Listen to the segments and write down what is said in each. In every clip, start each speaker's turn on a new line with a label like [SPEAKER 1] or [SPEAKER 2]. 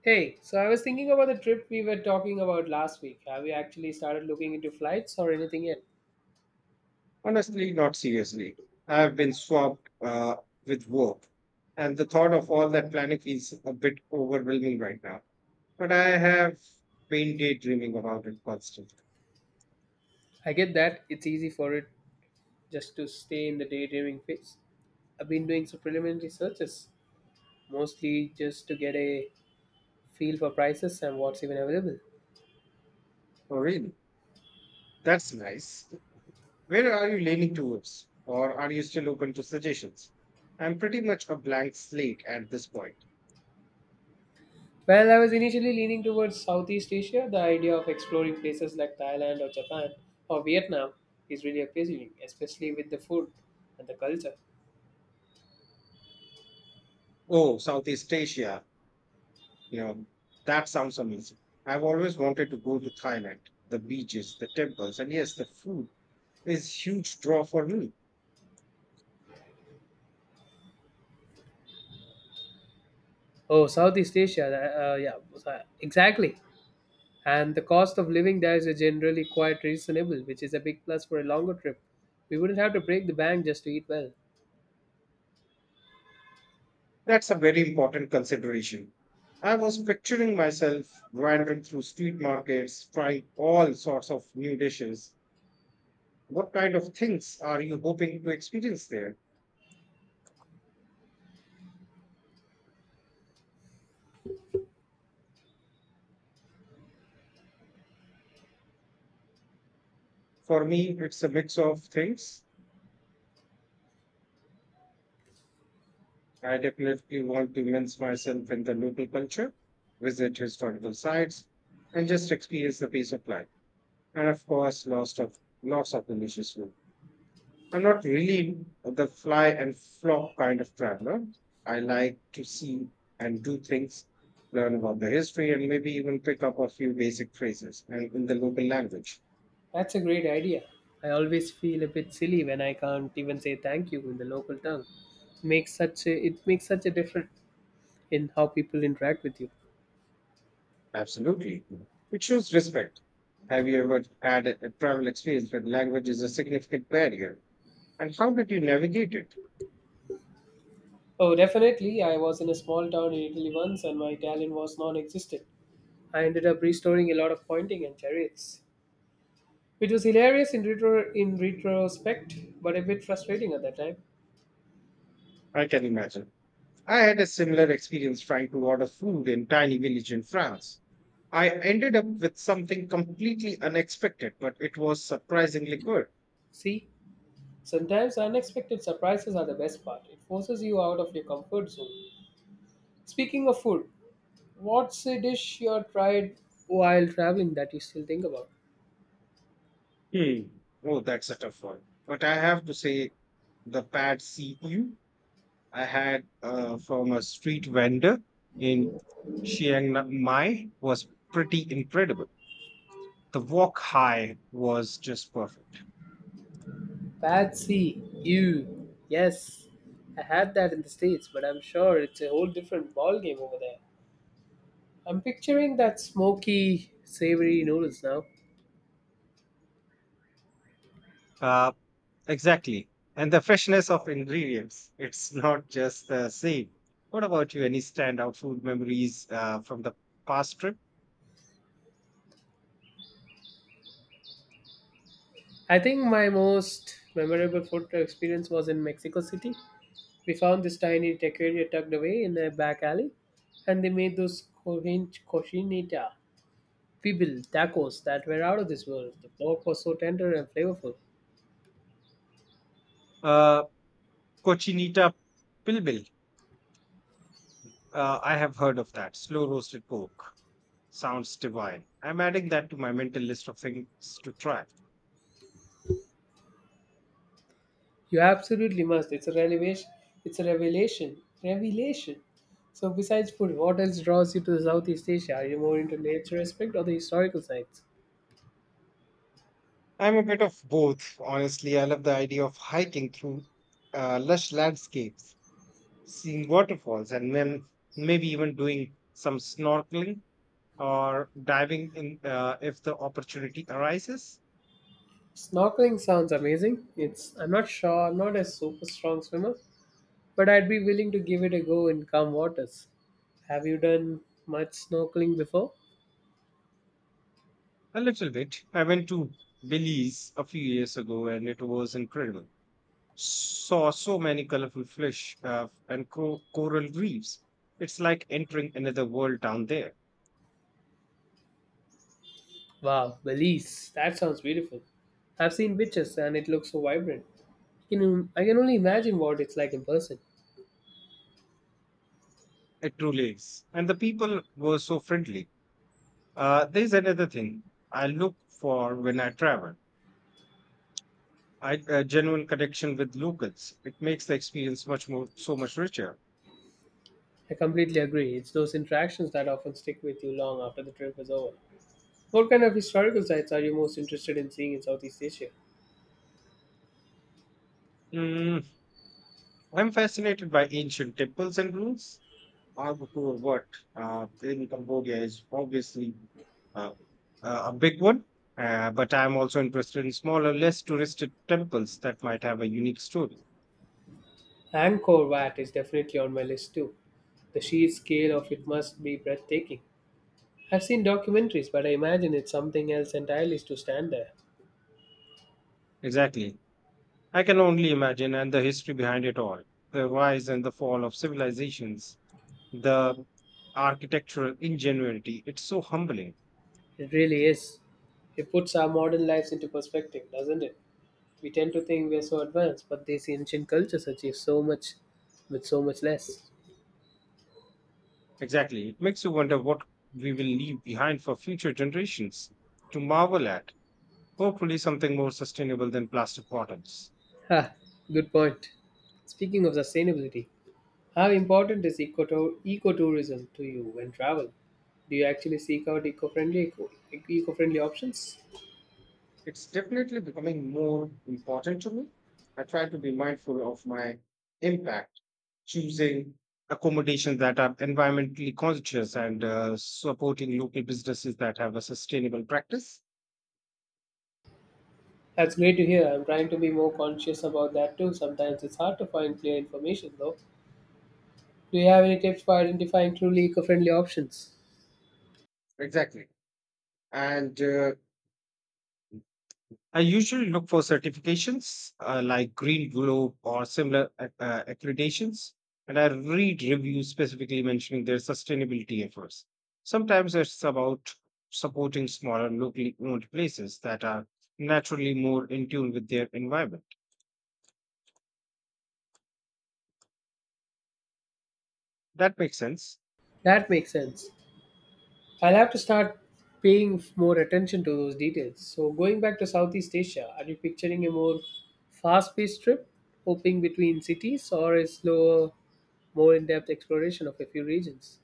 [SPEAKER 1] Hey, so I was thinking about the trip we were talking about last week. Have you actually started looking into flights or anything yet?
[SPEAKER 2] Honestly, not seriously. I have been swamped with work, and the thought of all that planning is a bit overwhelming right now. But I have been daydreaming about it constantly.
[SPEAKER 1] I get that it's easy for it just to stay in the daydreaming phase. I've been doing some preliminary searches, mostly just to get a feel for prices and what's even available.
[SPEAKER 2] Oh, really? That's nice. Where are you leaning towards, or are you still open to suggestions? I'm pretty much a blank slate at this point.
[SPEAKER 1] Well, I was initially leaning towards Southeast Asia. The idea of exploring places like Thailand or Japan or Vietnam is really appealing, especially with the food and the culture.
[SPEAKER 2] Oh, Southeast Asia. You know, that sounds amazing. I've always wanted to go to Thailand, the beaches, the temples, and yes, the food is huge draw for me.
[SPEAKER 1] Oh, Southeast Asia. Yeah, exactly. And the cost of living there is generally quite reasonable, which is a big plus for a longer trip. We wouldn't have to break the bank just to eat well.
[SPEAKER 2] That's a very important consideration. I was picturing myself wandering through street markets, trying all sorts of new dishes. What kind of things are you hoping to experience there? For me, it's a mix of things. I definitely want to immerse myself in the local culture, visit historical sites, and just experience the pace of life. And of course lots of delicious food. I'm not really the fly and flop kind of traveler. I like to see and do things, learn about the history, and maybe even pick up a few basic phrases and in the local language.
[SPEAKER 1] That's a great idea. I always feel a bit silly when I can't even say thank you in the local tongue. It makes such a difference in how people interact with you.
[SPEAKER 2] Absolutely, it shows respect. Have you ever had a travel experience where language is a significant barrier, and how did you navigate it?
[SPEAKER 1] Oh, definitely. I was in a small town in Italy once and my Italian was non existent. I ended up restoring a lot of pointing and chariots. It was hilarious in retrospect, but a bit frustrating at that time.
[SPEAKER 2] I can imagine. I had a similar experience trying to order food in tiny village in France. I ended up with something completely unexpected, but it was surprisingly good.
[SPEAKER 1] See, sometimes unexpected surprises are the best part. It forces you out of your comfort zone. Speaking of food, what's a dish you tried while traveling that you still think about?
[SPEAKER 2] Hmm. Oh, that's a tough one. But I have to say, the pad see ew I had from a street vendor in Chiang Mai was pretty incredible. The wok high was just perfect.
[SPEAKER 1] Patsy, you. Yes, I had that in the States, but I'm sure it's a whole different ball game over there. I'm picturing that smoky, savory noodles now.
[SPEAKER 2] Uh, exactly. And the freshness of ingredients. It's not just the same. What about you? Any standout food memories from the past trip?
[SPEAKER 1] I think my most memorable food experience was in Mexico City. We found this tiny taqueria tucked away in a back alley, and they made those cochinita pibil tacos that were out of this world. The pork was so tender and flavorful.
[SPEAKER 2] Uh, Cochinita pibil. I have heard of that. Slow roasted pork. Sounds divine. I'm adding that to my mental list of things to try.
[SPEAKER 1] You absolutely must. It's a revelation. It's a revelation. Revelation. So, besides food, what else draws you to Southeast Asia? Are you more into nature aspect or the historical sites?
[SPEAKER 2] I'm a bit of both, honestly. I love the idea of hiking through lush landscapes, seeing waterfalls, and then maybe even doing some snorkeling or diving in if the opportunity arises.
[SPEAKER 1] Snorkeling sounds amazing. It's I'm not sure. I'm not a super strong swimmer, but I'd be willing to give it a go in calm waters. Have you done much snorkeling before?
[SPEAKER 2] A little bit. I went to Belize a few years ago and it was incredible. Saw so many colorful fish and coral reefs. It's like entering another world down there.
[SPEAKER 1] Wow, Belize. That sounds beautiful. I've seen pictures and it looks so vibrant. You know, I can only imagine what it's like in person.
[SPEAKER 2] It truly is. And the people were so friendly. There's another thing I look for when I travel. I a genuine connection with locals. It makes the experience much more so much richer.
[SPEAKER 1] I completely agree. It's those interactions that often stick with you long after the trip is over. What kind of historical sites are you most interested in seeing in Southeast Asia?
[SPEAKER 2] Mm, I'm fascinated by ancient temples and ruins. Angkor Wat in Cambodia is obviously uh, a big one, but I'm also interested in smaller, less touristed temples that might have a unique story.
[SPEAKER 1] Angkor Wat is definitely on my list too. The sheer scale of it must be breathtaking. I've seen documentaries, but I imagine it's something else entirely to stand there.
[SPEAKER 2] Exactly. I can only imagine, and the history behind it all the rise and the fall of civilizations, the architectural ingenuity. It's so humbling.
[SPEAKER 1] It really is. It puts our modern lives into perspective, doesn't it? We tend to think we're so advanced, but these ancient cultures achieve so much with so much less.
[SPEAKER 2] Exactly. It makes you wonder what we will leave behind for future generations to marvel at. Hopefully, something more sustainable than plastic bottles.
[SPEAKER 1] Ha, good point. Speaking of sustainability, how important is ecotourism to you when travel? Do you actually seek out eco-friendly options?
[SPEAKER 2] It's definitely becoming more important to me. I try to be mindful of my impact, choosing accommodations that are environmentally conscious and supporting local businesses that have a sustainable practice.
[SPEAKER 1] That's great to hear. I'm trying to be more conscious about that too. Sometimes it's hard to find clear information though. Do you have any tips for identifying truly eco friendly options?
[SPEAKER 2] Exactly and I usually look for certifications like Green Globe or similar accreditations, and I read reviews specifically mentioning their sustainability efforts. Sometimes it's about supporting smaller, locally owned places that are naturally more in tune with their environment. That makes sense.
[SPEAKER 1] That makes sense. I'll have to start paying more attention to those details. So, going back to Southeast Asia, are you picturing a more fast paced trip, hopping between cities, or a slower, more in depth exploration of a few regions?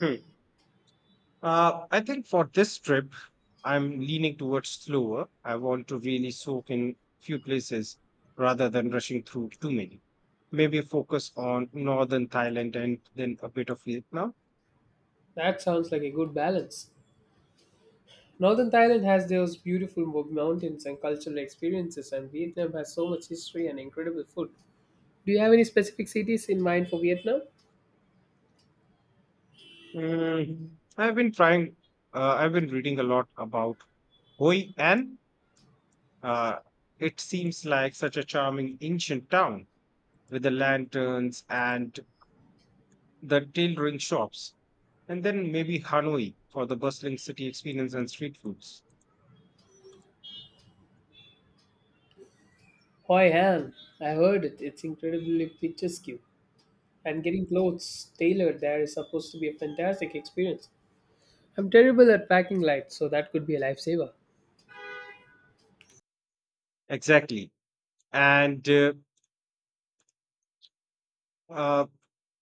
[SPEAKER 2] Hmm. I think for this trip, I'm leaning towards slower. I want to really soak in few places rather than rushing through too many. Maybe focus on northern Thailand and then a bit of Vietnam.
[SPEAKER 1] That sounds like a good balance. Northern Thailand has those beautiful mountains and cultural experiences, and Vietnam has so much history and incredible food. Do you have any specific cities in mind for Vietnam?
[SPEAKER 2] Mm, I've been trying, I've been reading a lot about Hoi An. Uh, it seems like such a charming ancient town with the lanterns and the tailoring shops. And then maybe Hanoi for the bustling city experience and street foods.
[SPEAKER 1] Hoy hell, I heard it. It's incredibly picturesque. And getting clothes tailored there is supposed to be a fantastic experience. I'm terrible at packing light, so that could be a lifesaver.
[SPEAKER 2] Exactly. And uh,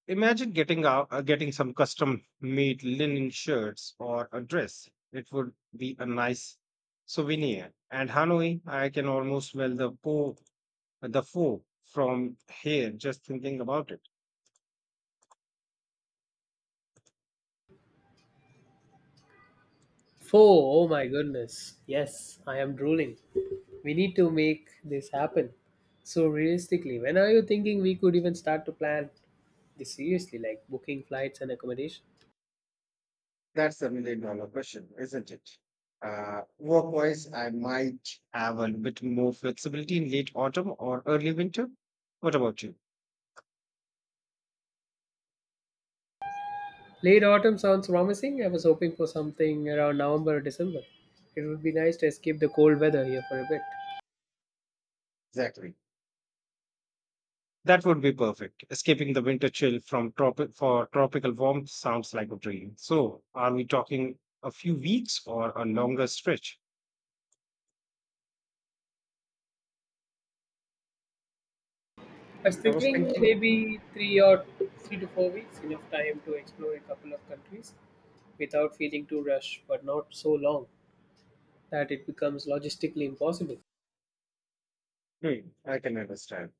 [SPEAKER 2] imagine getting some custom made linen shirts or a dress. It would be a nice souvenir. And Hanoi, I can almost smell the po the foe from here just thinking about it.
[SPEAKER 1] Four, oh my goodness. Yes, I am drooling. We need to make this happen. So realistically, when are you thinking we could even start to plan this seriously, like booking flights and accommodation?
[SPEAKER 2] That's the million dollar question, isn't it? Work wise, I might have a bit more flexibility in late autumn or early winter. What about you?
[SPEAKER 1] Late autumn sounds promising. I was hoping for something around November or December. It would be nice to escape the cold weather here for a bit.
[SPEAKER 2] Exactly. That would be perfect. Escaping the winter chill from tropical warmth sounds like a dream. So, are we talking a few weeks or a longer stretch?
[SPEAKER 1] I was
[SPEAKER 2] I was
[SPEAKER 1] thinking
[SPEAKER 2] thinking,
[SPEAKER 1] maybe three to four weeks, enough time to explore a couple of countries without feeling too rushed, but not so long that it becomes logistically impossible.
[SPEAKER 2] I can understand.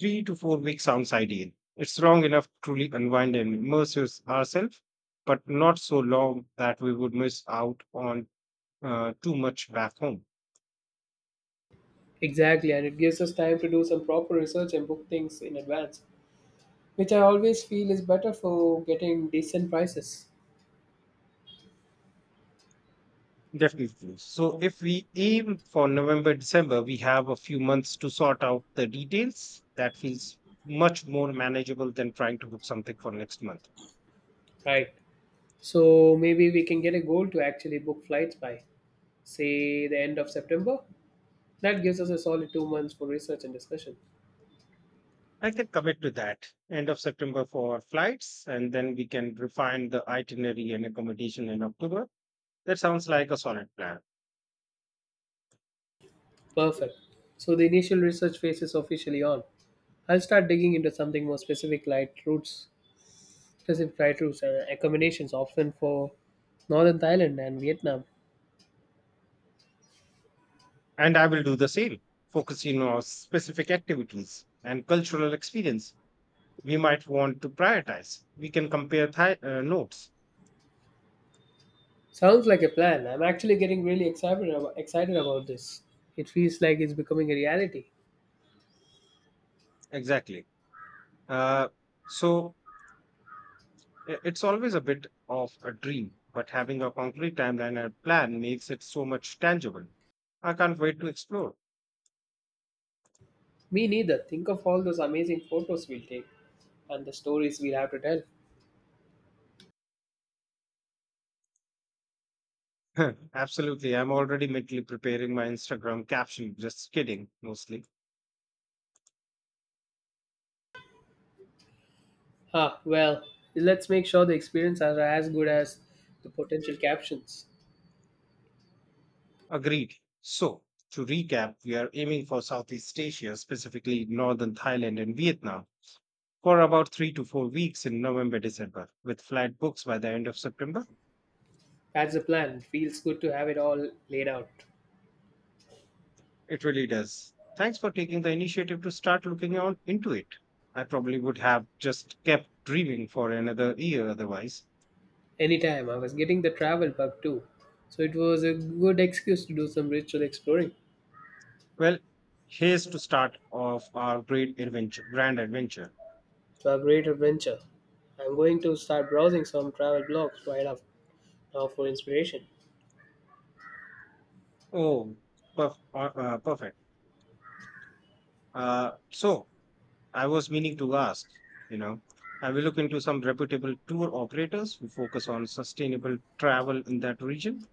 [SPEAKER 2] 3 to 4 weeks sounds ideal. It's long enough to truly unwind and immerse ourselves, but not so long that we would miss out on too much back home.
[SPEAKER 1] Exactly, and it gives us time to do some proper research and book things in advance, which I always feel is better for getting decent prices.
[SPEAKER 2] Definitely. So, if we aim for November, December, we have a few months to sort out the details. That feels much more manageable than trying to book something for next month.
[SPEAKER 1] Right. So maybe we can get a goal to actually book flights by, say, the end of September. That gives us a solid 2 months for research and discussion.
[SPEAKER 2] I can commit to that end of September for flights, and then we can refine the itinerary and accommodation in October. That sounds like a solid plan.
[SPEAKER 1] Perfect. So the initial research phase is officially on. I'll start digging into something more specific, like routes, specific flight routes and accommodations, often for northern Thailand and Vietnam.
[SPEAKER 2] And I will do the same, focusing on specific activities and cultural experience we might want to prioritize. We can compare notes.
[SPEAKER 1] Sounds like a plan. I'm actually getting really excited about this. It feels like it's becoming a reality.
[SPEAKER 2] Exactly. Uh, so It's always a bit of a dream, but having a concrete timeline and plan makes it so much tangible. I can't wait to explore.
[SPEAKER 1] Me neither. Think of all those amazing photos we'll take and the stories we'll have to tell.
[SPEAKER 2] Absolutely. I'm already mentally preparing my Instagram caption. Just kidding, mostly.
[SPEAKER 1] Ah, well, let's make sure the experience are as good as the potential captions.
[SPEAKER 2] Agreed. So, to recap, we are aiming for Southeast Asia, specifically Northern Thailand and Vietnam, for about 3 to 4 weeks in November, December, with flight books by the end of September.
[SPEAKER 1] That's the plan. Feels good to have it all laid out.
[SPEAKER 2] It really does. Thanks for taking the initiative to start looking on into it. I probably would have just kept dreaming for another year otherwise.
[SPEAKER 1] Anytime. I was getting the travel bug too. So it was a good excuse to do some ritual exploring.
[SPEAKER 2] Well, here's to start of our great adventure, grand adventure.
[SPEAKER 1] So a great adventure. I'm going to start browsing some travel blogs right up now for inspiration.
[SPEAKER 2] Oh, perfect. So I was meaning to ask, you know, I will look into some reputable tour operators who focus on sustainable travel in that region.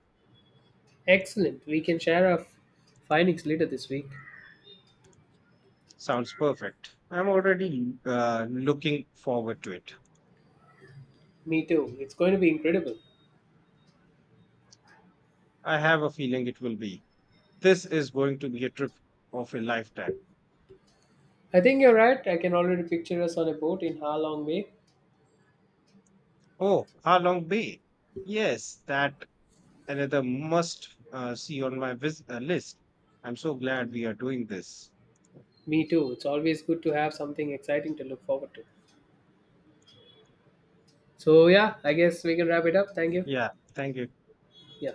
[SPEAKER 1] Excellent. We can share our findings later this week.
[SPEAKER 2] Sounds perfect. I'm already looking forward to it.
[SPEAKER 1] Me too. It's going to be incredible.
[SPEAKER 2] I have a feeling it will be. This is going to be a trip of a lifetime.
[SPEAKER 1] I think you're right. I can already picture us on a boat in Ha Long Bay.
[SPEAKER 2] Oh, Halong Bay. Yes, that another must see on my list. I'm so glad we are doing this.
[SPEAKER 1] Me too. It's always good to have something exciting to look forward to. So yeah, I guess we can wrap it up. Thank you.
[SPEAKER 2] Yeah, thank you.
[SPEAKER 1] Yeah.